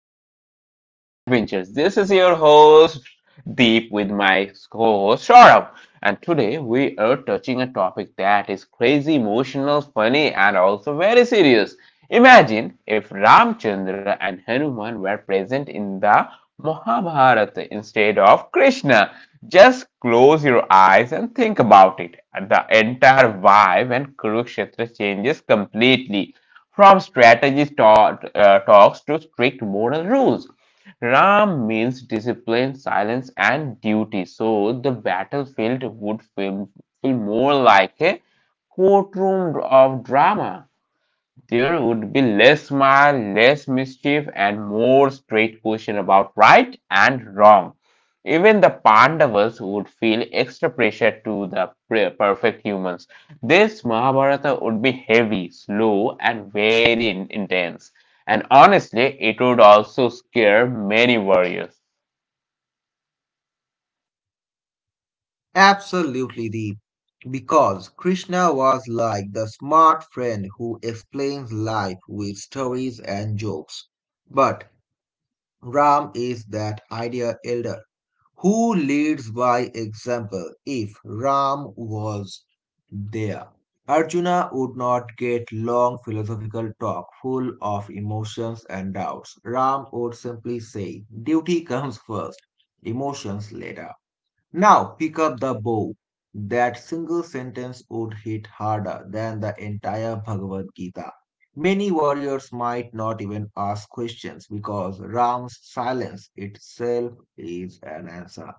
show, The Backbenchers. This is your host, Deep, with my co-host, Saurabh. And today we are touching a topic that is crazy, emotional, funny, and also very serious. Imagine if Ramchandra and Hanuman were present in the Mahabharata instead of Krishna. Just close your eyes and think about it. The entire vibe and Kurukshetra changes completely from strategist talks to strict moral rules. Ram means discipline, silence, and duty. So the battlefield would feel more like a courtroom of drama. There would be less smile, less mischief, and more straight question about right and wrong. Even the Pandavas would feel extra pressure to the perfect humans. This Mahabharata would be heavy, slow, and very intense. And honestly, it would also scare many warriors. Absolutely deep. Because Krishna was like the smart friend who explains life with stories and jokes. But Ram is that idea elder who leads by example. If Ram was there, Arjuna would not get long philosophical talk full of emotions and doubts. Ram would simply say, duty comes first, emotions later. Now pick up the bow. That single sentence would hit harder than the entire Bhagavad Gita. Many warriors might not even ask questions because Ram's silence itself is an answer.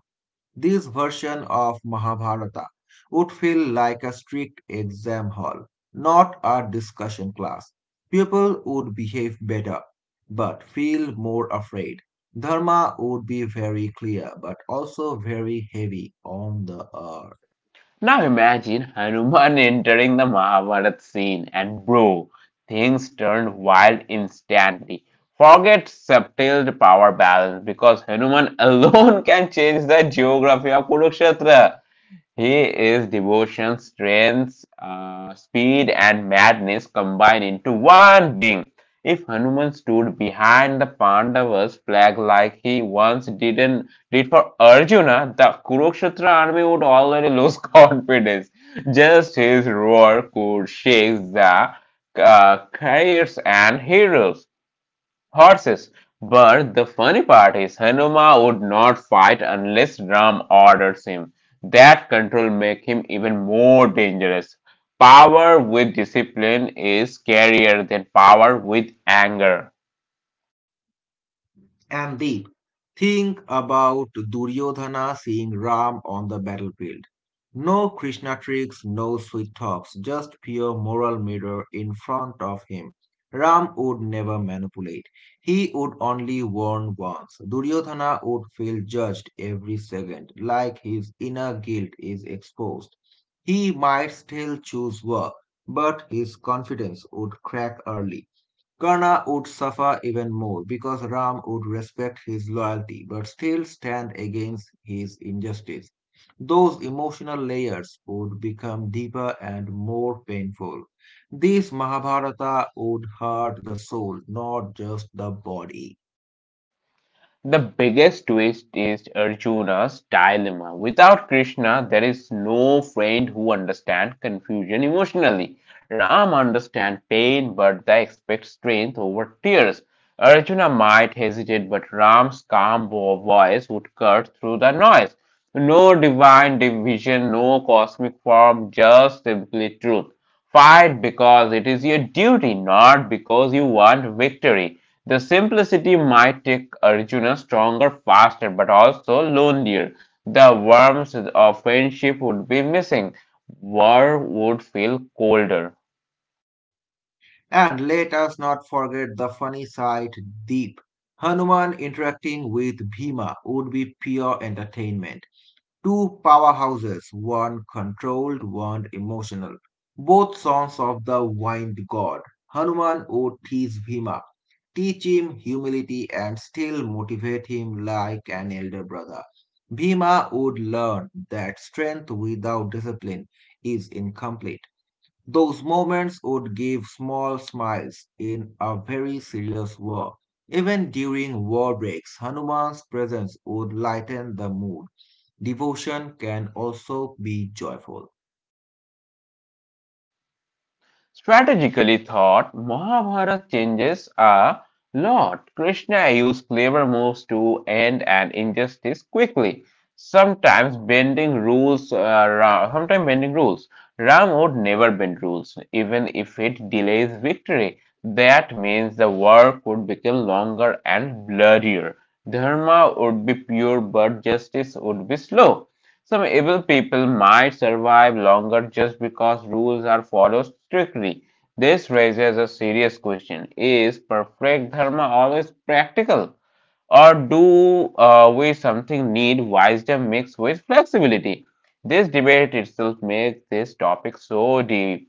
This version of Mahabharata would feel like a strict exam hall, not a discussion class. People would behave better, but feel more afraid. Dharma would be very clear, but also very heavy on the earth. Now imagine Hanuman entering the Mahabharata scene and bro, things turn wild instantly. Forget subtle power balance because Hanuman alone can change the geography of Kurukshetra. Here is devotion, strength, speed, and madness combined into one being. If Hanuman stood behind the Pandavas' flag like he once didn't did for Arjuna, the Kurukshetra army would already lose confidence. Just his roar could shake the carriers and heroes horses. But the funny part is Hanuma would not fight unless Ram orders him. That control makes him even more dangerous. Power with discipline is scarier than power with anger. And Deep, think about Duryodhana seeing Ram on the battlefield. No Krishna tricks, no sweet talks, just pure moral mirror in front of him. Ram would never manipulate. He would only warn once. Duryodhana would feel judged every second, like his inner guilt is exposed. He might still choose war, but his confidence would crack early. Karna would suffer even more because Ram would respect his loyalty but still stand against his injustice. Those emotional layers would become deeper and more painful. This Mahabharata would hurt the soul, not just the body. The biggest twist is Arjuna's dilemma. Without Krishna, there is no friend who understands confusion emotionally. Ram understands pain, but they expect strength over tears. Arjuna might hesitate, but Ram's calm voice would cut through the noise. No divine division, no cosmic form, just simply truth. Fight because it is your duty, not because you want victory. The simplicity might take Arjuna stronger, faster, but also lonelier. The warmth of friendship would be missing. War would feel colder. And let us not forget the funny side, deep. Hanuman interacting with Bhima would be pure entertainment. Two powerhouses, one controlled, one emotional. Both sons of the wind god. Hanuman would tease Bhima, teach him humility and still motivate him like an elder brother. Bhima would learn that strength without discipline is incomplete. Those moments would give small smiles in a very serious war. Even during war breaks, Hanuman's presence would lighten the mood. Devotion can also be joyful. Strategically thought, Mahabharata changes a lot. Krishna used clever moves to end an injustice quickly, sometimes bending rules. Sometimes bending rules. Ram would never bend rules, even if it delays victory. That means the war could become longer and bloodier. Dharma would be pure, but justice would be slow. Some evil people might survive longer just because rules are followed strictly. This raises a serious question. Is perfect dharma always practical? Or do we something need wisdom mixed with flexibility? This debate itself makes this topic so deep.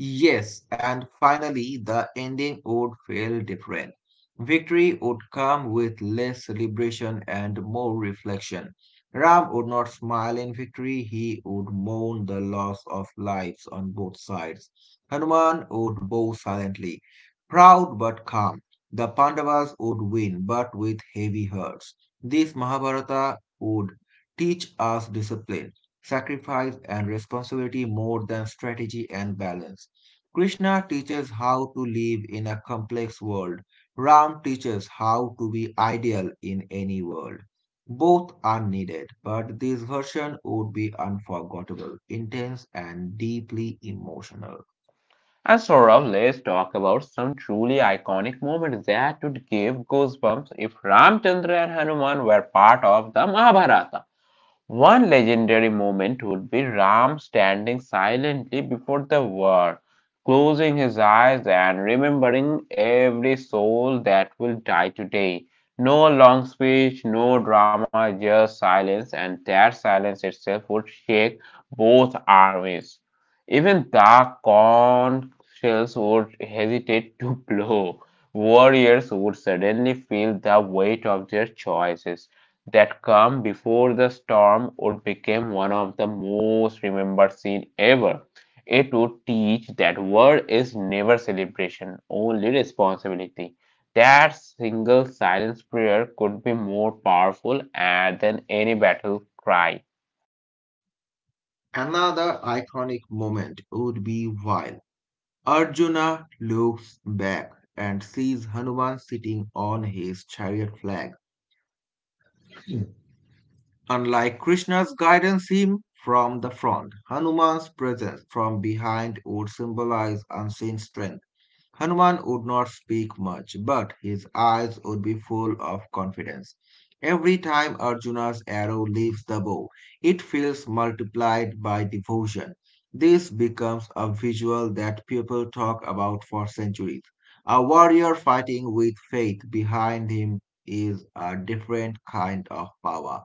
Yes, and finally, the ending would feel different. Victory would come with less celebration and more reflection. Ram would not smile in victory, he would mourn the loss of lives on both sides. Hanuman would bow silently, proud but calm. The Pandavas would win, but with heavy hearts. This Mahabharata would teach us discipline, sacrifice, and responsibility more than strategy and balance. Krishna teaches how to live in a complex world. Ram teaches how to be ideal in any world. Both are needed, but this version would be unforgettable, intense, and deeply emotional. And Saurav, let's talk about some truly iconic moments that would give goosebumps if Ramchandra and Hanuman were part of the Mahabharata. One legendary moment would be Ram standing silently before the war, closing his eyes and remembering every soul that will die today. No long speech, no drama, just silence, and that silence itself would shake both armies. Even the corn shells would hesitate to blow. Warriors would suddenly feel the weight of their choices that come before the storm would become one of the most remembered scene ever. It would teach that war is never celebration, only responsibility. That single silence prayer could be more powerful than any battle cry. Another iconic moment would be while Arjuna looks back and sees Hanuman sitting on his chariot flag. Unlike Krishna's guidance him from the front, Hanuman's presence from behind would symbolize unseen strength. Hanuman would not speak much, but his eyes would be full of confidence. Every time Arjuna's arrow leaves the bow, it feels multiplied by devotion. This becomes a visual that people talk about for centuries. A warrior fighting with faith behind him is a different kind of power.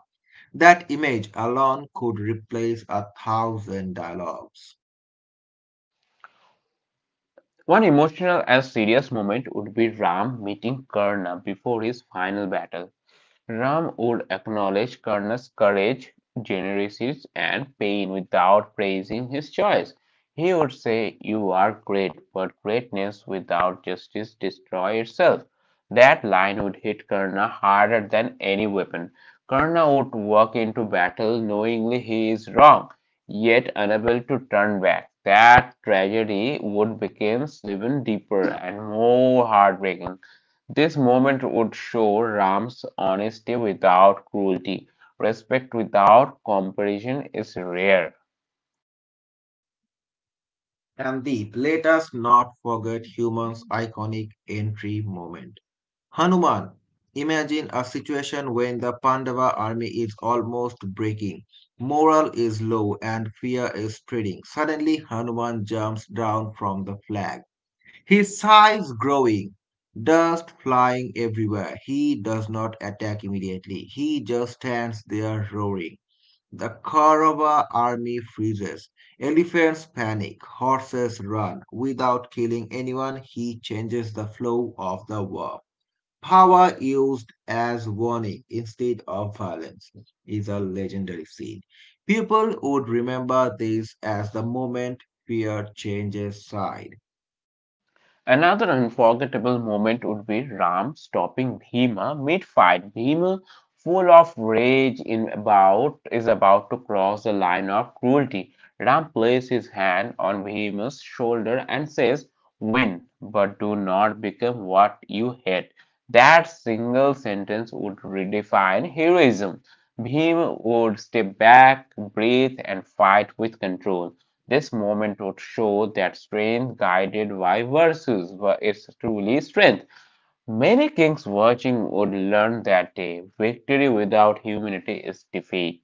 That image alone could replace a thousand dialogues. One emotional and serious moment would be Ram meeting Karna before his final battle. Ram would acknowledge Karna's courage, generosity, and pain without praising his choice. He would say, "You are great, but greatness without justice destroys itself." That line would hit Karna harder than any weapon. Karna would walk into battle knowingly he is wrong, yet unable to turn back. That tragedy would become even deeper and more heartbreaking. This moment would show Ram's honesty without cruelty. Respect without comparison is rare. And Deep, let us not forget human's iconic entry moment. Hanuman, imagine a situation when the Pandava army is almost breaking, morale is low, and fear is spreading. Suddenly, Hanuman jumps down from the flag, his size growing, dust flying everywhere. He does not attack immediately, he just stands there roaring. The Kaurava army freezes. Elephants panic. Horses run. Without killing anyone, he changes the flow of the war. Power used as warning instead of violence is a legendary scene. People would remember this as the moment fear changes side. Another unforgettable moment would be Ram stopping Bhima mid-fight. Bhima, full of rage in about is about to cross the line of cruelty. Ram places his hand on Bhima's shoulder and says, "Win, but do not become what you hate." That single sentence would redefine heroism. Bhima would step back, breathe, and fight with control. This movement would show that strength guided by virtues were its truly strength. Many kings watching would learn that day victory without humility is defeat.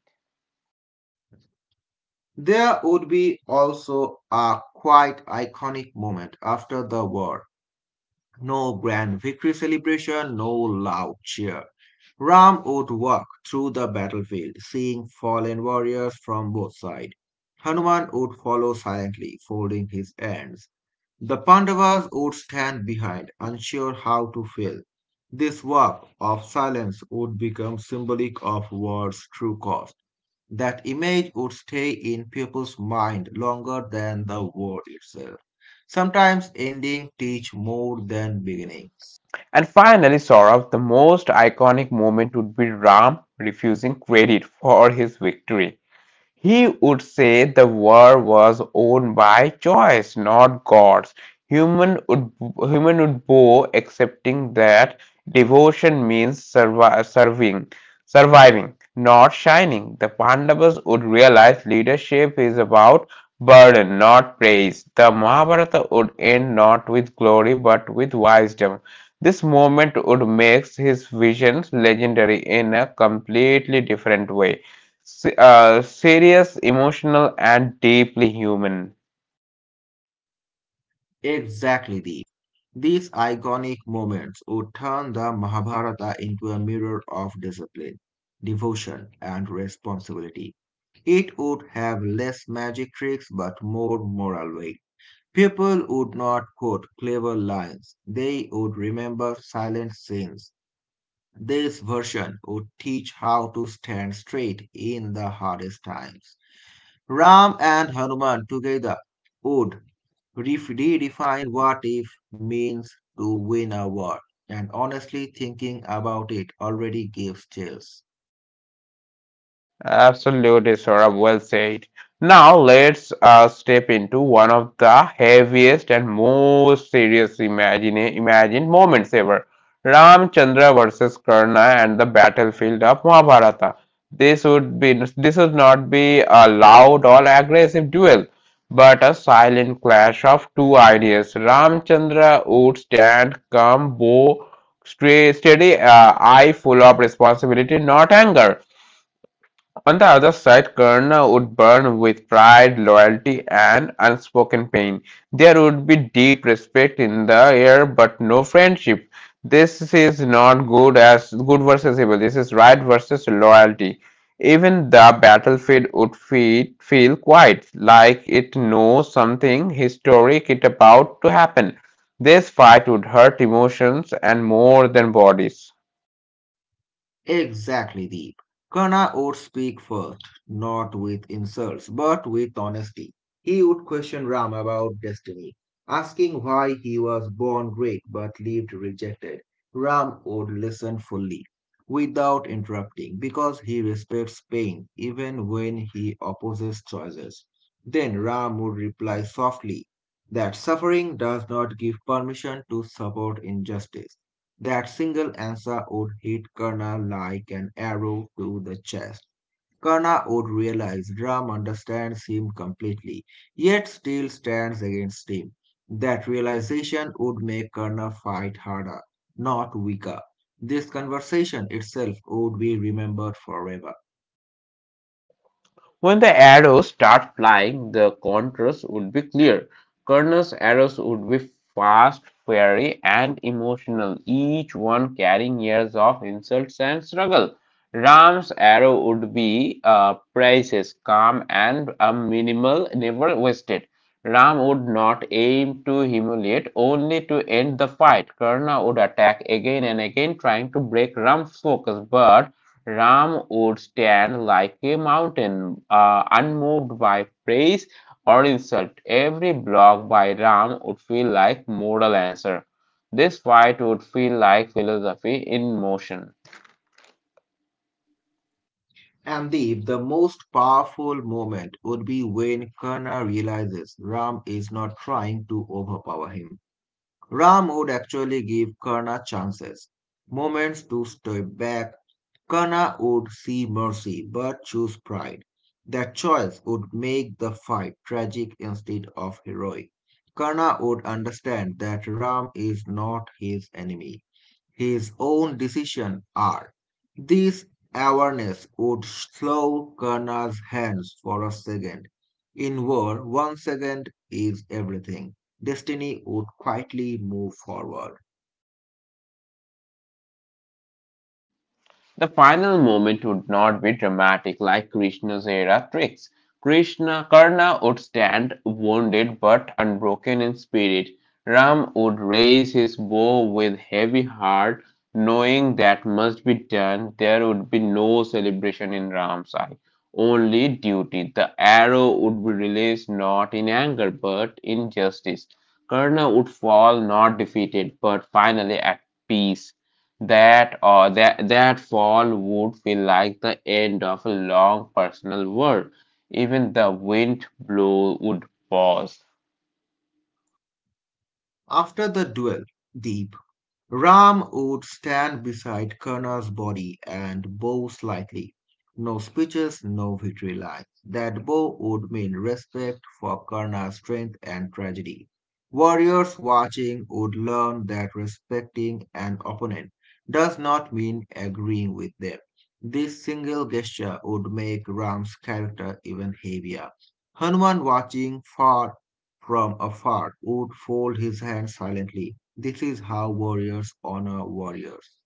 There would be also a quite iconic moment after the war. No grand victory celebration, no loud cheer. Ram would walk through the battlefield, seeing fallen warriors from both sides. Hanuman would follow silently, folding his hands. The Pandavas would stand behind, unsure how to feel. This walk of silence would become symbolic of war's true cost. That image would stay in people's mind longer than the word itself. Sometimes ending teach more than beginnings. And finally, Saurabh, the most iconic moment would be Ram refusing credit for his victory. He would say the world was owned by choice, not gods. Human would, Human would bow, accepting that devotion means serving, surviving, not shining. The Pandavas would realize leadership is about burden, not praise. The Mahabharata would end not with glory but with wisdom. This moment would make his visions legendary in a completely different way serious, emotional, and deeply human. Exactly, Deep. These iconic moments would turn the Mahabharata into a mirror of discipline, devotion, and responsibility. It would have less magic tricks but more moral weight. People would not quote clever lines, they would remember silent scenes. This version would teach how to stand straight in the hardest times. Ram and Hanuman together would redefine what if means to win a war. And honestly, thinking about it already gives chills. Absolutely, Saurabh, well said. Now let's step into one of the heaviest and most serious imagined moments ever. Ramchandra versus Karna and the battlefield of Mahabharata. This would not be a loud or aggressive duel, but a silent clash of two ideas. Ramchandra would stand calm, bow, straight, steady, eye full of responsibility, not anger on the other side. Karna would burn with pride, loyalty, and unspoken pain. There would be deep respect in the air, but no friendship. This is not good as good versus evil. This is right versus loyalty. Even the battlefield would feel quiet, like it knows something historic is about to happen. This fight would hurt emotions and more than bodies. Exactly, Deep. Karna would speak first, not with insults, but with honesty. He would question Ram about destiny, asking why he was born great but lived rejected. Ram would listen fully, without interrupting, because he respects pain even when he opposes choices. Then Ram would reply softly that suffering does not give permission to support injustice. That single answer would hit Karna like an arrow to the chest. Karna would realize Ram understands him completely, yet still stands against him. That realization would make Karna fight harder, not weaker. This conversation itself would be remembered forever. When the arrows start flying, the contrast would be clear. Colonel's arrows would be fast, fiery, and emotional, each one carrying years of insults and struggle. Ram's arrow would be precious, calm, and minimal, never wasted. Ram would not aim to humiliate, only to end the fight. Karna would attack again and again, trying to break Ram's focus, but Ram would stand like a mountain, unmoved by praise or insult. Every block by Ram would feel like moral answer. This fight would feel like philosophy in motion. And the most powerful moment would be when Karna realizes Ram is not trying to overpower him. Ram would actually give Karna chances, moments to step back. Karna would see mercy but choose pride. That choice would make the fight tragic instead of heroic. Karna would understand that Ram is not his enemy, his own decisions are. This awareness would slow Karna's hands for a second. In war, 1 second is everything. Destiny would quietly move forward. The final moment would not be dramatic like Krishna's era tricks. Krishna Karna would stand wounded but unbroken in spirit. Ram would raise his bow with heavy heart, knowing that must be done. There would be no celebration in Ram's eye, only duty. The arrow would be released not in anger but in justice. Karna would fall not defeated but finally at peace. That or that that fall would feel like the end of a long personal world. Even the wind blow would pause. After the duel, the Ram would stand beside Karna's body and bow slightly. No speeches, no victory lines. That bow would mean respect for Karna's strength and tragedy. Warriors watching would learn that respecting an opponent does not mean agreeing with them. This single gesture would make Ram's character even heavier. Hanuman watching far from afar would fold his hands silently. This is how warriors honor warriors.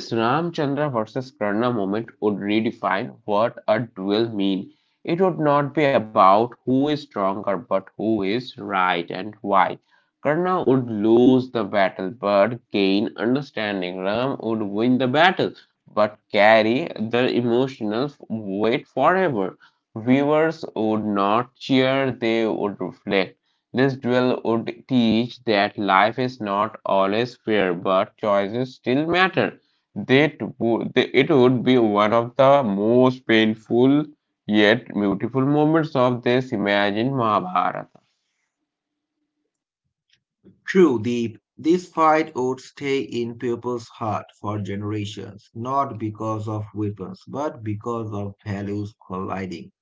This Ramchandra versus Karna moment would redefine what a duel mean. It would not be about who is stronger but who is right and why. Karna would lose the battle but gain understanding. Ram would win the battle but carry the emotional weight forever. Viewers would not cheer, they would reflect. This duel would teach that life is not always fair, but choices still matter. It would be one of the most painful yet beautiful moments of this imagined Mahabharata. True, Deep, this fight would stay in people's heart for generations, not because of weapons, but because of values colliding.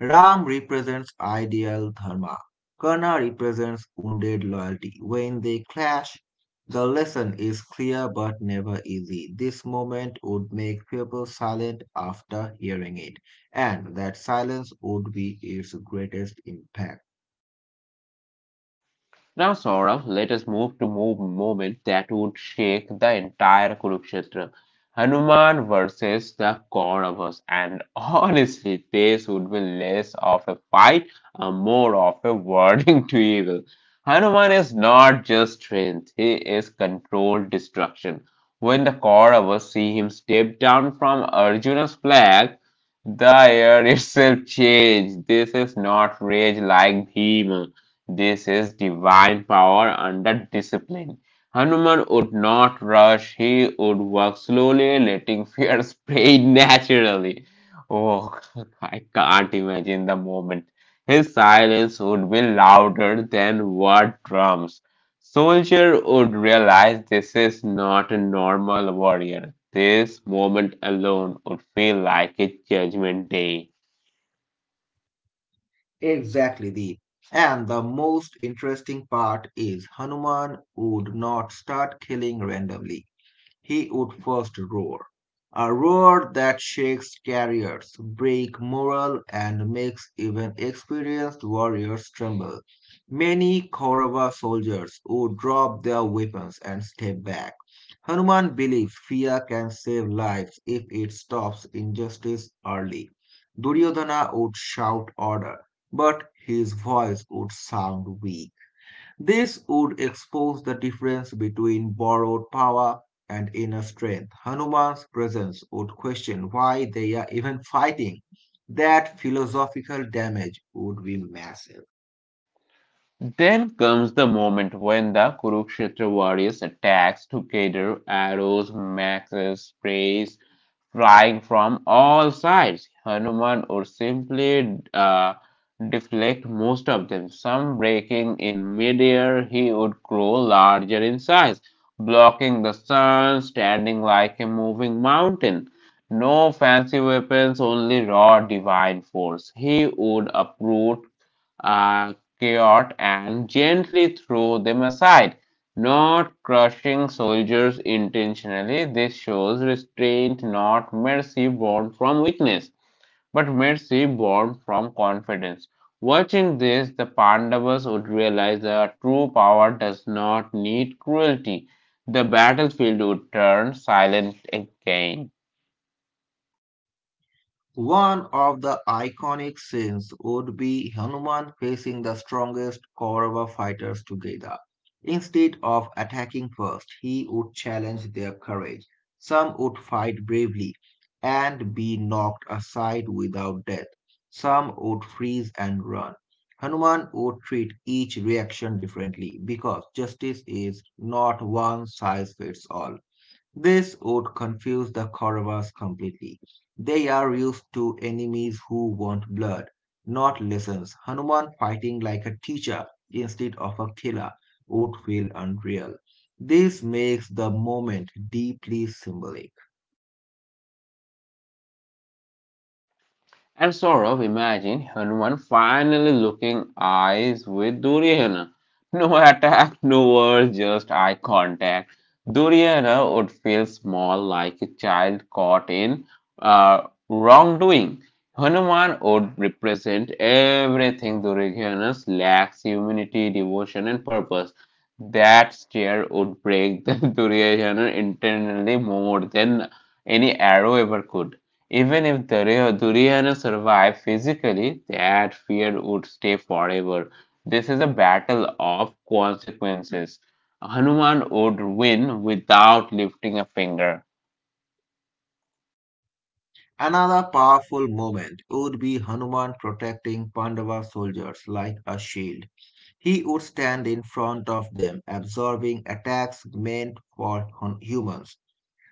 Ram represents ideal dharma. Karna represents wounded loyalty. When they clash, the lesson is clear but never easy. This moment would make people silent after hearing it, and that silence would be its greatest impact. Now, Saurabh, let us move moment that would shake the entire Kurukshetra. Hanuman versus the Kauravas, and honestly, this would be less of a fight and more of a warning to evil. Hanuman is not just strength; he is controlled destruction. When the Kauravas see him step down from Arjuna's flag, the air itself changed. This is not rage like Bhima. This is divine power under discipline. Hanuman would not rush, he would work slowly, letting fear spray naturally. Oh, I can't imagine the moment. His silence would be louder than war drums. Soldier would realize this is not a normal warrior. This moment alone would feel like a judgment day. Exactly, the and the most interesting part is Hanuman would not start killing randomly, he would first roar. A roar that shakes carriers, breaks morale, and makes even experienced warriors tremble. Many Kaurava soldiers would drop their weapons and step back. Hanuman believes fear can save lives if it stops injustice early. Duryodhana would shout order, but his voice would sound weak. This would expose the difference between borrowed power and inner strength. Hanuman's presence would question why they are even fighting. That philosophical damage would be massive. Then comes the moment when the Kurukshetra warriors attacks together, arrows, maxes, sprays flying from all sides. Hanuman would simply deflect most of them, some breaking in midair. He would grow larger in size, blocking the sun, standing like a moving mountain. No fancy weapons, only raw divine force. He would uproot uh, chaos and gently throw them aside, not crushing soldiers intentionally. This shows restraint, not mercy born from weakness, but mercy born from confidence. Watching this, the Pandavas would realize that true power does not need cruelty. The battlefield would turn silent again. One of the iconic scenes would be Hanuman facing the strongest Kaurava fighters together. Instead of attacking first, he would challenge their courage. Some would fight bravely and be knocked aside without death. Some would freeze and run. Hanuman would treat each reaction differently because justice is not one size fits all. This would confuse the Kauravas completely. They are used to enemies who want blood, not lessons. Hanuman fighting like a teacher instead of a killer would feel unreal. This makes the moment deeply symbolic. And sort of imagine Hanuman finally looking eyes with Duryodhana. No attack, no words, just eye contact. Duryodhana would feel small like a child caught in uh, wrongdoing. Hanuman would represent everything Duryodhana lacks humanity, devotion, and purpose. That stare would break the Duryodhana internally more than any arrow ever could. Even if the Duryodhana survived physically, that fear would stay forever. This is a battle of consequences. Hanuman would win without lifting a finger. Another powerful moment would be Hanuman protecting Pandava soldiers like a shield. He would stand in front of them, absorbing attacks meant for humans.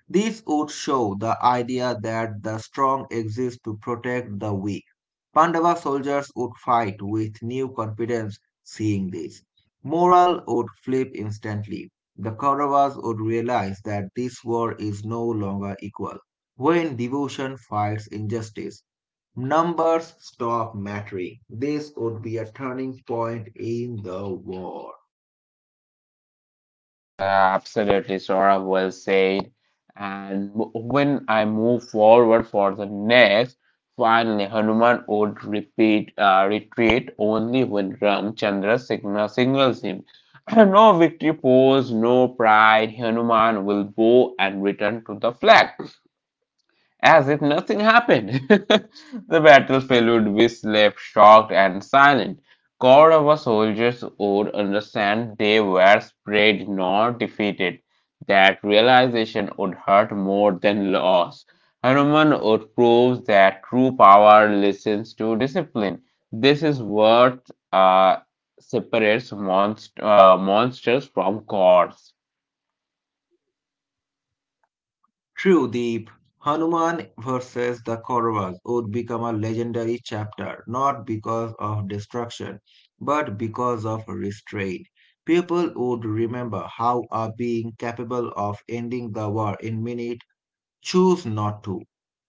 This would show the idea that the strong exist to protect the weak. Pandava soldiers would fight with new confidence seeing this. Morale would flip instantly. The Kauravas would realize that this war is no longer equal. When devotion fights injustice, numbers stop mattering. This would be a turning point in the war. Yeah, absolutely, Sora, well said. And when I move forward for the next, finally Hanuman would repeat retreat only when Ramchandra signals him. No victory pose, no pride. Hanuman will bow and return to the flag as if nothing happened. The battlefield would be left shocked and silent. Corps of soldiers would understand they were spread, not defeated. That realization would hurt more than loss. Hanuman would prove that true power listens to discipline. This is what uh, separates monsters from gods. True, deep. Hanuman versus the Kauravas would become a legendary chapter, not because of destruction, but because of restraint. People would remember how a being capable of ending the war in minutes chose not to.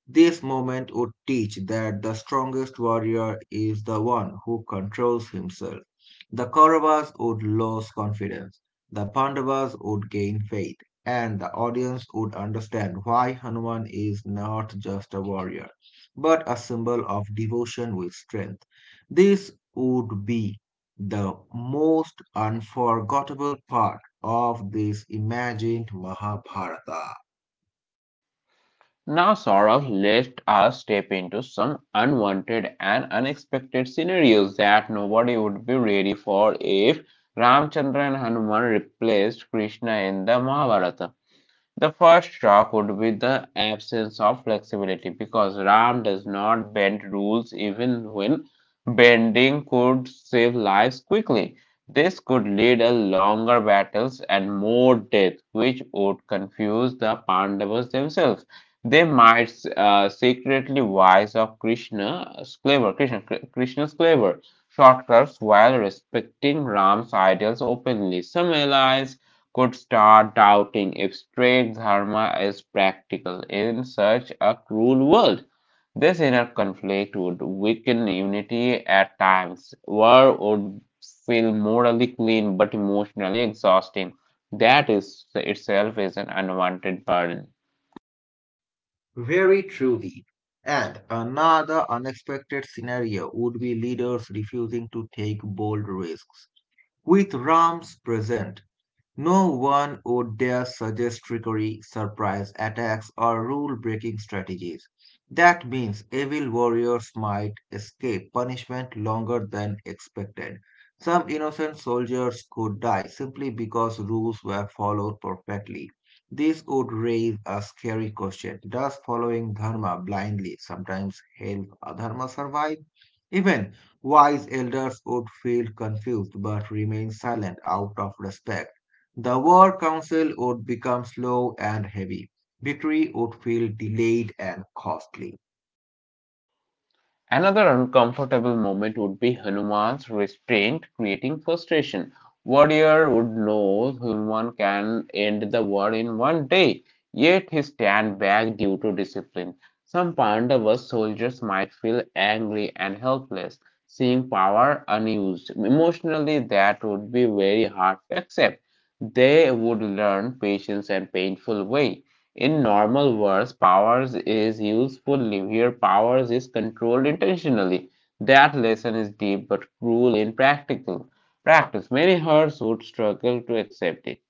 This moment would teach that the strongest warrior is the one who controls himself. The Kauravas would lose confidence, the Pandavas would gain faith, and the audience would understand why Hanuman is not just a warrior, but a symbol of devotion with strength. This would be the most unforgettable part of this imagined Mahabharata. Now, Saurav, let us step into some unwanted and unexpected scenarios that nobody would be ready for if Ramchandra and Hanuman replaced Krishna in the Mahabharata. The first shock would be the absence of flexibility because RAM does not bend rules even when bending could save lives quickly. This could lead to longer battles and more death, which would confuse the Pandavas themselves. They might secretly wise of Krishna's clever shortcuts while respecting Ram's ideals openly. Some allies could start doubting if straight dharma is practical in such a cruel world. This inner conflict would weaken unity at times. War would feel morally clean but emotionally exhausting. That is itself is an unwanted burden. Very truly. And another unexpected scenario would be leaders refusing to take bold risks. With Rams present, no one would dare suggest trickery, surprise attacks, or rule breaking strategies. That means evil warriors might escape punishment longer than expected. Some innocent soldiers could die simply because rules were followed perfectly. This would raise a scary question. Does following dharma blindly sometimes help adharma survive? Even wise elders would feel confused but remain silent out of respect. The war council would become slow and heavy. Victory would feel delayed and costly. Another uncomfortable moment would be Hanuman's restraint, creating frustration. Warrior would know Hanuman can end the war in 1 day, yet he stand back due to discipline. Some Pandava soldiers might feel angry and helpless, seeing power unused. Emotionally, that would be very hard to accept. They would learn patience and painful way. In normal words, powers is usefully. Here, powers is controlled intentionally. That lesson is deep but cruel in practical practice. Many hearts would struggle to accept it.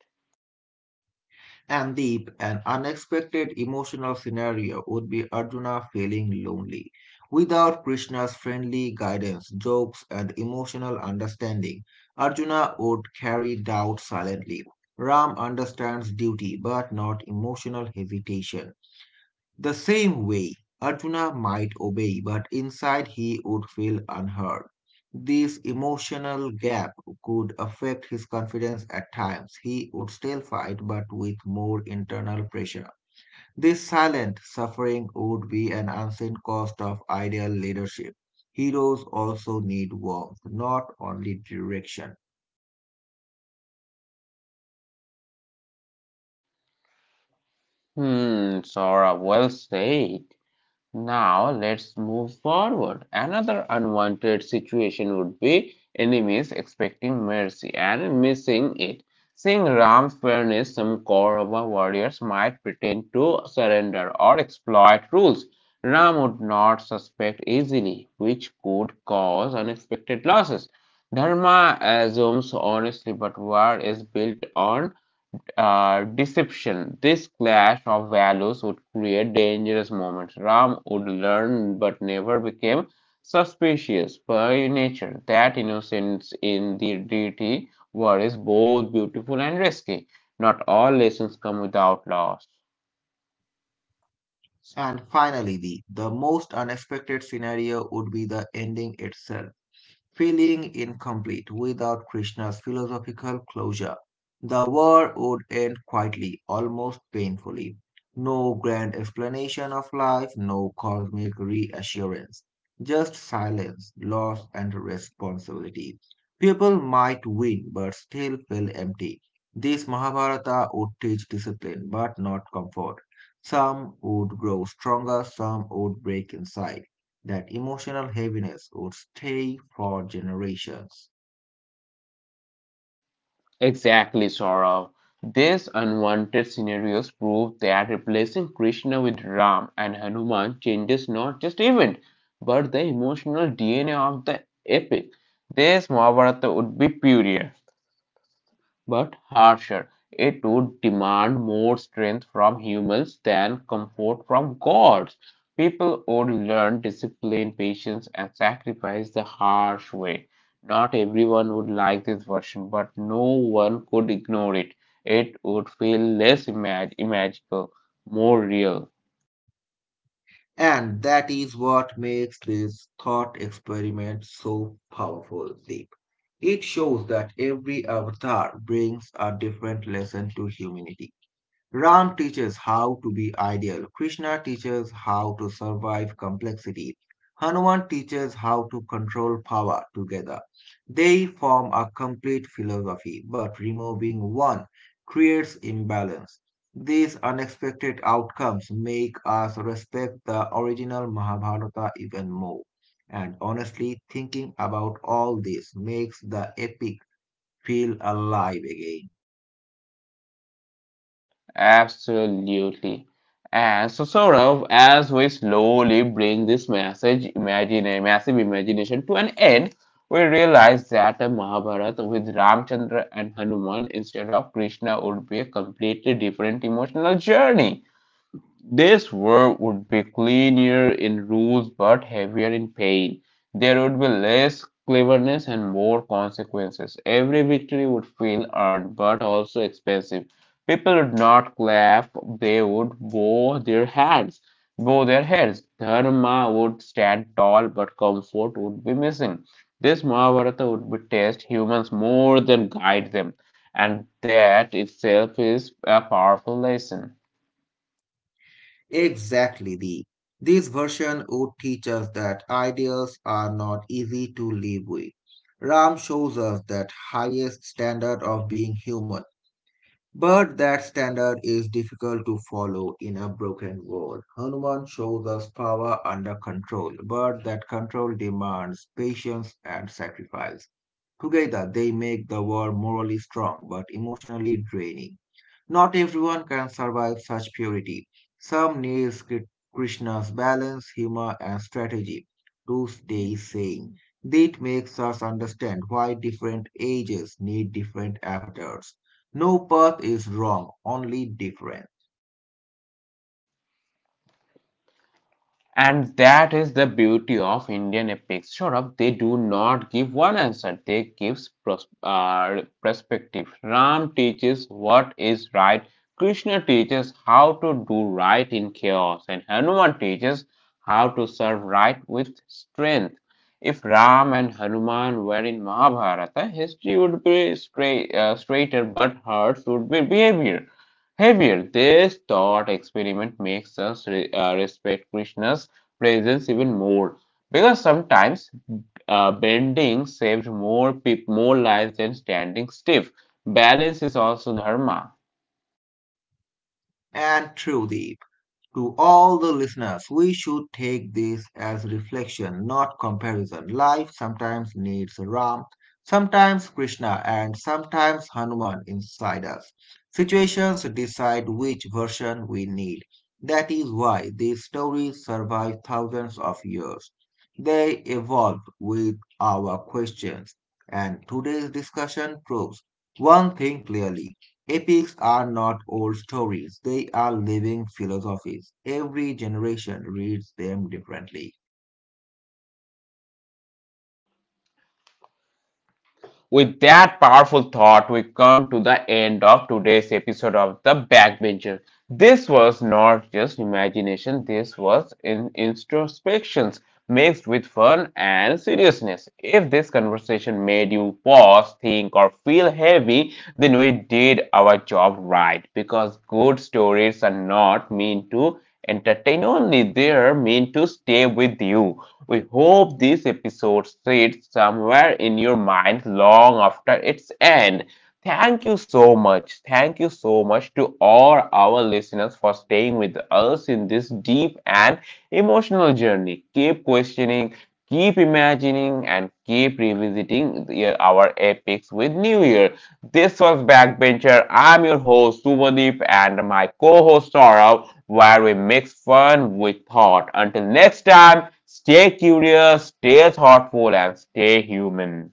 And deep and unexpected emotional scenario would be Arjuna feeling lonely. Without Krishna's friendly guidance, jokes, and emotional understanding, Arjuna would carry doubt silently. Ram understands duty but not emotional hesitation. The same way, Arjuna might obey, but inside he would feel unheard. This emotional gap could affect his confidence at times. He would still fight, but with more internal pressure. This silent suffering would be an unseen cost of ideal leadership. Heroes also need warmth, not only direction. Hmm, Sora, well said. Now let's move forward. Another unwanted situation would be enemies expecting mercy and missing it. Seeing Ram's fairness, some Kaurava warriors might pretend to surrender or exploit rules. Ram would not suspect easily, which could cause unexpected losses. Dharma assumes honestly, but war is built on deception. This clash of values would create dangerous moments. Ram would learn but never became suspicious by nature. That innocence in the deity war is both beautiful and risky. Not all lessons come without loss. And finally, the most unexpected scenario would be the ending itself, feeling incomplete without Krishna's philosophical closure. The war would end quietly, almost painfully. No grand explanation of life, no cosmic reassurance, just silence, loss, and responsibility. People might win but still feel empty. This Mahabharata would teach discipline but not comfort. Some would grow stronger, some would break inside, that emotional heaviness would stay for generations. Exactly, Saurav. These unwanted scenarios prove that replacing Krishna with Ram and Hanuman changes not just event, but the emotional DNA of the epic. This Mahabharata would be purer, but harsher. It would demand more strength from humans than comfort from gods. People would learn discipline, patience, and sacrifice the harsh way. Not everyone would like this version, but no one could ignore it. It would feel magical, more real. And that is what makes this thought experiment so powerful, Deep. It shows that every avatar brings a different lesson to humanity. Ram teaches how to be ideal. Krishna teaches how to survive complexity. Hanuman teaches how to control power together. They form a complete philosophy, but removing one creates imbalance. These unexpected outcomes make us respect the original Mahabharata even more. And honestly, thinking about all this makes the epic feel alive again. Absolutely. And so, Saurav, as we slowly bring this message, imagine massive imagination to an end, we realize that a Mahabharata with Ramchandra and Hanuman instead of Krishna would be a completely different emotional journey. This world would be cleaner in rules but heavier in pain. There would be less cleverness and more consequences. Every victory would feel earned but also expensive. People would not clap, they would bow their heads. Bow their heads. Dharma would stand tall but comfort would be missing. This Mahabharata would be test humans more than guide them. And that itself is a powerful lesson. Exactly, the this version would teach us that ideals are not easy to live with. Ram shows us that highest standard of being human, but that standard is difficult to follow in a broken world. Hanuman shows us power under control, but that control demands patience and sacrifice. Together, they make the world morally strong but emotionally draining. Not everyone can survive such purity. Some needs Krishna's balance, humor, and strategy, to stay sane. That makes us understand why different ages need different avatars. No path is wrong, only different. And that is the beauty of Indian epic Saurabh. They do not give one answer, they gives perspective. Ram teaches what is right, Krishna teaches how to do right in chaos, and Hanuman teaches how to serve right with strength. If Ram and Hanuman were in Mahabharata, history would be straighter, but hearts would be behavior heavier. This thought experiment makes us respect Krishna's presence even more because sometimes bending saved more lives than standing stiff. Balance is also dharma. And truly, to all the listeners, we should take this as reflection, not comparison. Life sometimes needs Ram, sometimes Krishna, and sometimes Hanuman inside us. Situations decide which version we need. That is why these stories survive thousands of years. They evolve with our questions, and today's discussion proves one thing clearly. Epics are not old stories, they are living philosophies. Every generation reads them differently. With that powerful thought, we come to the end of today's episode of The Backbencher. This was not just imagination, this was in introspections mixed with fun and seriousness. If this conversation made you pause, think, or feel heavy, then we did our job right because good stories are not meant to entertain only. They're meant to stay with you. We hope this episode sits somewhere in your mind long after its end. Thank you so much. Thank you so much to all our listeners for staying with us in this deep and emotional journey. Keep questioning, keep imagining, and keep revisiting our epics with New Year. This was Backbencher. I'm your host, Subhadeep, and my co host, Saurav, where we mix fun with thought. Until next time, stay curious, stay thoughtful, and stay human.